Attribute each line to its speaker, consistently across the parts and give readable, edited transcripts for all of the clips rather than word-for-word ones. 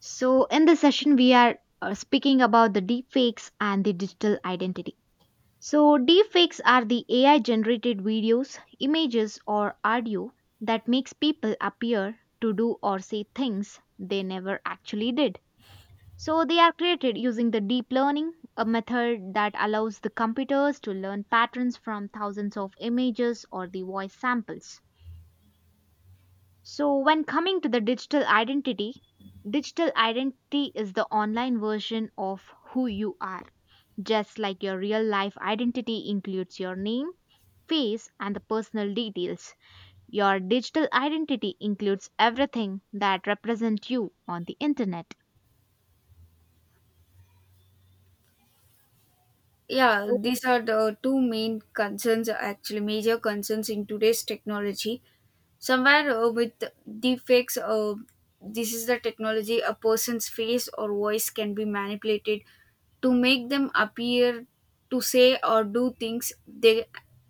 Speaker 1: So, in this session, we are speaking about the deepfakes and the digital identity. So, deepfakes are the AI generated videos, images, or audio that makes people appear to do or say things they never actually did. So, they are created using the deep learning, a method that allows the computers to learn patterns from thousands of images or the voice samples. So, when coming to the digital identity is the online version of who you are. Just like your real life identity includes your name, face, and the personal details, your digital identity includes everything that represents you on the internet.
Speaker 2: Yeah, these are the two main concerns, actually, major concerns in today's technology. Somewhere with deepfakes, this is the technology a person's face or voice can be manipulated to make them appear to say or do things they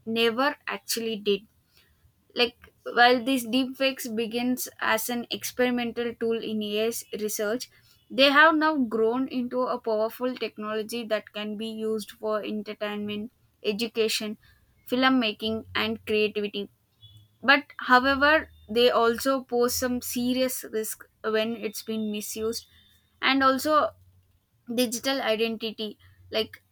Speaker 2: never actually did. Like while these deepfakes begins as an experimental tool in AI's research, they have now grown into a powerful technology that can be used for entertainment, education, filmmaking, and creativity. But however, they also pose some serious risk when it's been misused, and also digital identity. Like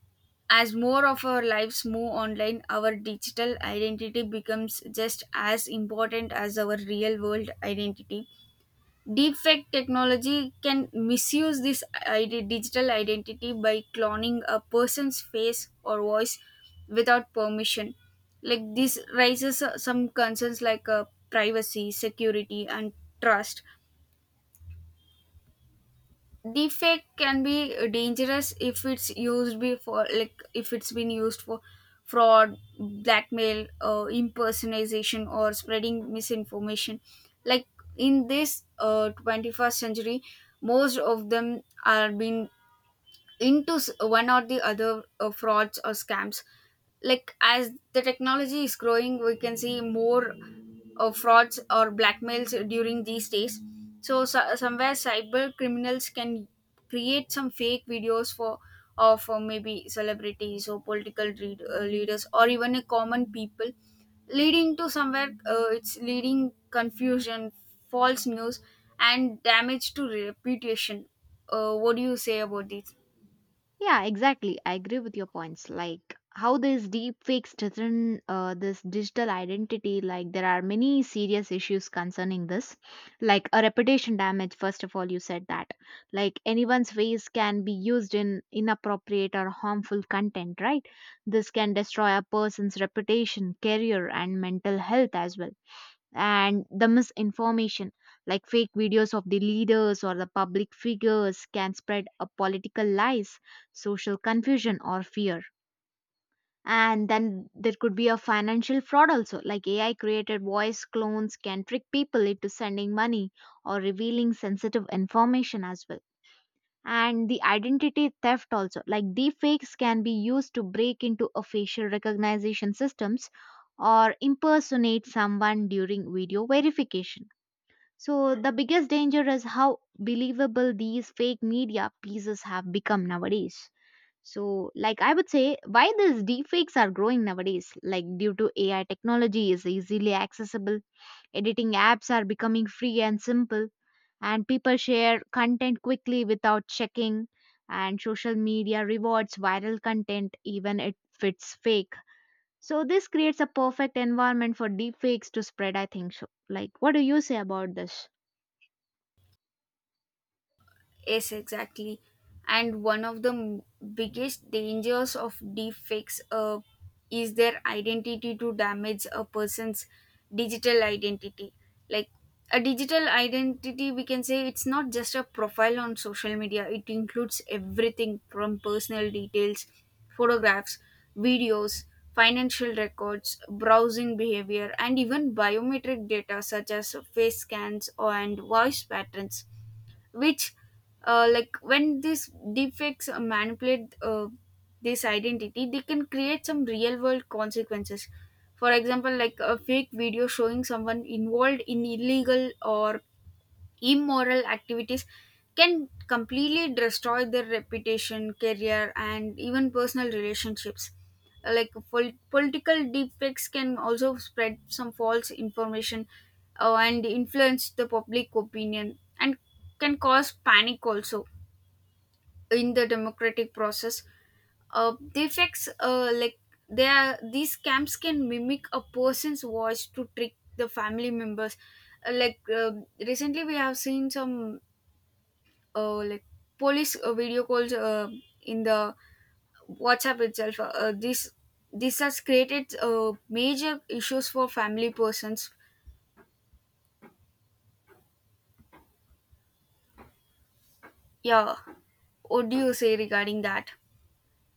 Speaker 2: as more of our lives move online, our digital identity becomes just as important as our real world identity. Deepfake technology can misuse this digital identity by cloning a person's face or voice without permission. Like this raises some concerns like privacy, security, and trust. Defect can be dangerous if it's used before, like if it's been used for fraud, blackmail, impersonation or spreading misinformation. Like in this 21st century, most of them are being into one or the other frauds or scams. Like as the technology is growing, we can see more frauds or blackmails during these days. So somewhere cyber criminals can create some fake videos for of maybe celebrities or political leaders or even a common people, leading to somewhere, it's leading confusion, false news, and damage to reputation. What do you say about this?
Speaker 1: Yeah, exactly. I agree with your points. Like how these deep fakes threaten this digital identity. Like there are many serious issues concerning this, like a reputation damage. First of all, you said that like anyone's face can be used in inappropriate or harmful content, right? This can destroy a person's reputation, career, and mental health as well, and the misinformation like fake videos of the leaders or the public figures can spread a political lies, social confusion, or fear. And then there could be a financial fraud also, like ai created voice clones can trick people into sending money or revealing sensitive information as well. And the identity theft also, like deepfakes can be used to break into a facial recognition systems or impersonate someone during video verification. So, the biggest danger is how believable these fake media pieces have become nowadays. So, like I would say, why these deepfakes are growing nowadays, like due to AI technology is easily accessible, editing apps are becoming free and simple, and people share content quickly without checking, and social media rewards viral content even if it's fake. So, this creates a perfect environment for deepfakes to spread, I think so. Like, what do you say about this?
Speaker 2: Yes, exactly. And one of the biggest dangers of deepfakes is their identity to damage a person's digital identity. Like a digital identity, we can say it's not just a profile on social media, it includes everything from personal details, photographs, videos, financial records, browsing behavior, and even biometric data such as face scans and voice patterns, which, like when these defects manipulate this identity, they can create some real world consequences. For example, like a fake video showing someone involved in illegal or immoral activities can completely destroy their reputation, career, and even personal relationships. Like political defects can also spread some false information and influence the public opinion and can cause panic also in the democratic process. Defects. Like they are, these scams can mimic a person's voice to trick the family members. Like recently, we have seen some like police video calls in the WhatsApp itself. This has created major issues for family persons. Yeah, what do you say regarding that?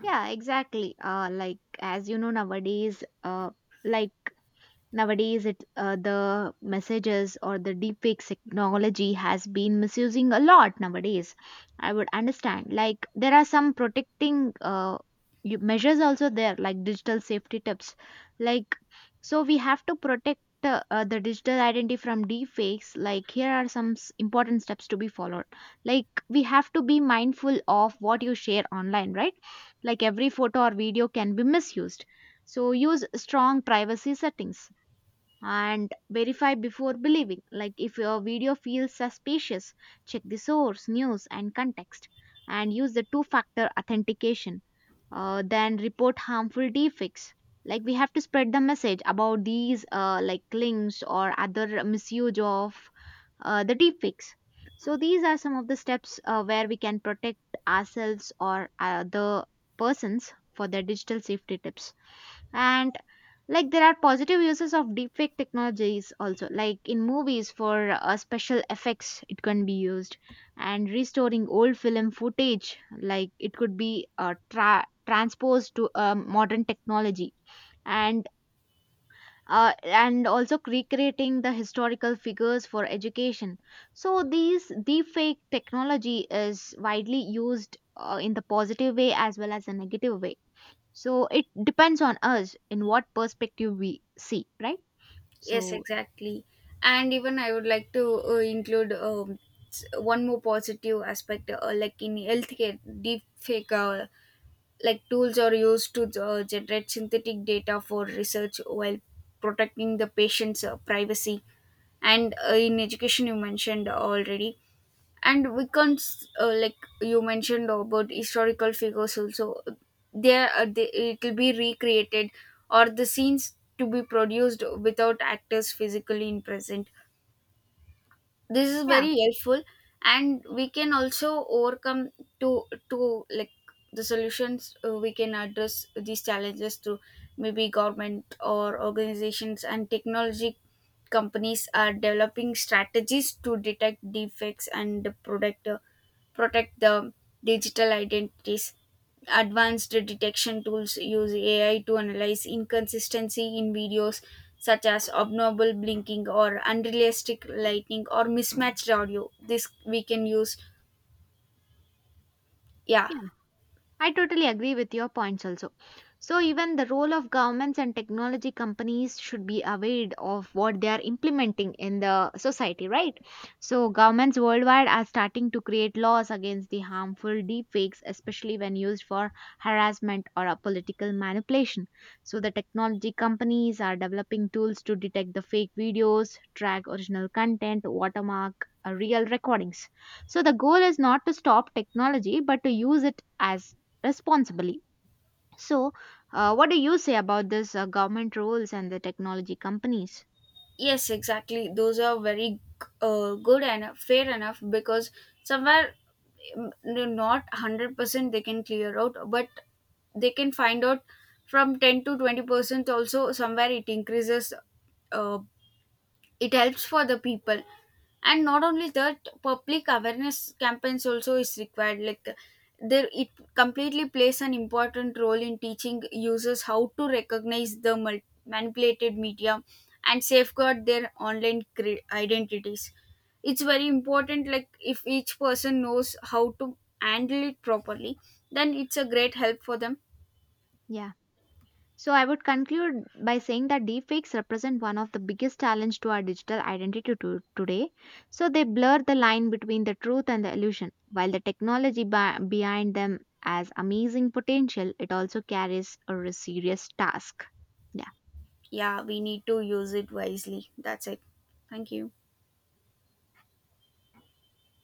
Speaker 1: Yeah, exactly. Like as you know nowadays, like nowadays, it the messages or the deepfake technology has been misusing a lot nowadays. I would understand. Like there are some protecting measures also there, like digital safety tips. Like so, we have to protect the digital identity from deepfakes. Like here are some important steps to be followed. Like we have to be mindful of what you share online, right? Like every photo or video can be misused. So use strong privacy settings and verify before believing. Like if your video feels suspicious, check the source, news, and context, and use the two factor authentication. Then report harmful defects. Like we have to spread the message about these like links or other misuse of the deepfakes. So these are some of the steps where we can protect ourselves or other persons for their digital safety tips. And like there are positive uses of deepfake technologies also. Like in movies for special effects, it can be used, and restoring old film footage, like it could be transposed to modern technology, and and also recreating the historical figures for education. So these deepfake technology is widely used in the positive way as well as the negative way. So it depends on us in what perspective we see, right?
Speaker 2: Yes,
Speaker 1: So
Speaker 2: exactly. And even I would like to include one more positive aspect, like in healthcare, deep fake like tools are used to generate synthetic data for research while protecting the patient's privacy, and in education you mentioned already, and we can't, like you mentioned about historical figures also, there they, it will be recreated, or the scenes to be produced without actors physically in present. This is
Speaker 1: yeah,
Speaker 2: very helpful. And we can also overcome to to like the solutions, we can address these challenges through maybe government or organizations and technology companies are developing strategies to detect defects and protect protect the digital identities. Advanced detection tools use AI to analyze inconsistency in videos such as abnormal blinking or unrealistic lighting or mismatched audio. This we can use. Yeah,
Speaker 1: I totally agree with your points also. So even the role of governments and technology companies should be aware of what they are implementing in the society, right? So governments worldwide are starting to create laws against the harmful deepfakes, especially when used for harassment or a political manipulation. So the technology companies are developing tools to detect the fake videos, track original content, watermark real recordings. So the goal is not to stop technology, but to use it as responsibly. So, what do you say about this government roles and the technology companies?
Speaker 2: yes, exactly. Those are very good and fair enough because somewhere, mm, they're not 100% they can clear out, but they can find out from 10 to 20% also, somewhere it increases, uh, it helps for the people. And not only that, public awareness campaigns also is required. Like there it completely plays an important role in teaching users how to recognize the manipulated media and safeguard their online identities. It's very important, like if each person knows how to handle it properly, then it's a great help for them.
Speaker 1: Yeah. So, I would conclude by saying that deepfakes represent one of the biggest challenge to our digital identity today. So, they blur the line between the truth and the illusion. While the technology behind them has amazing potential, it also carries a serious task. Yeah.
Speaker 2: Yeah, we need to use it wisely. That's it. Thank you.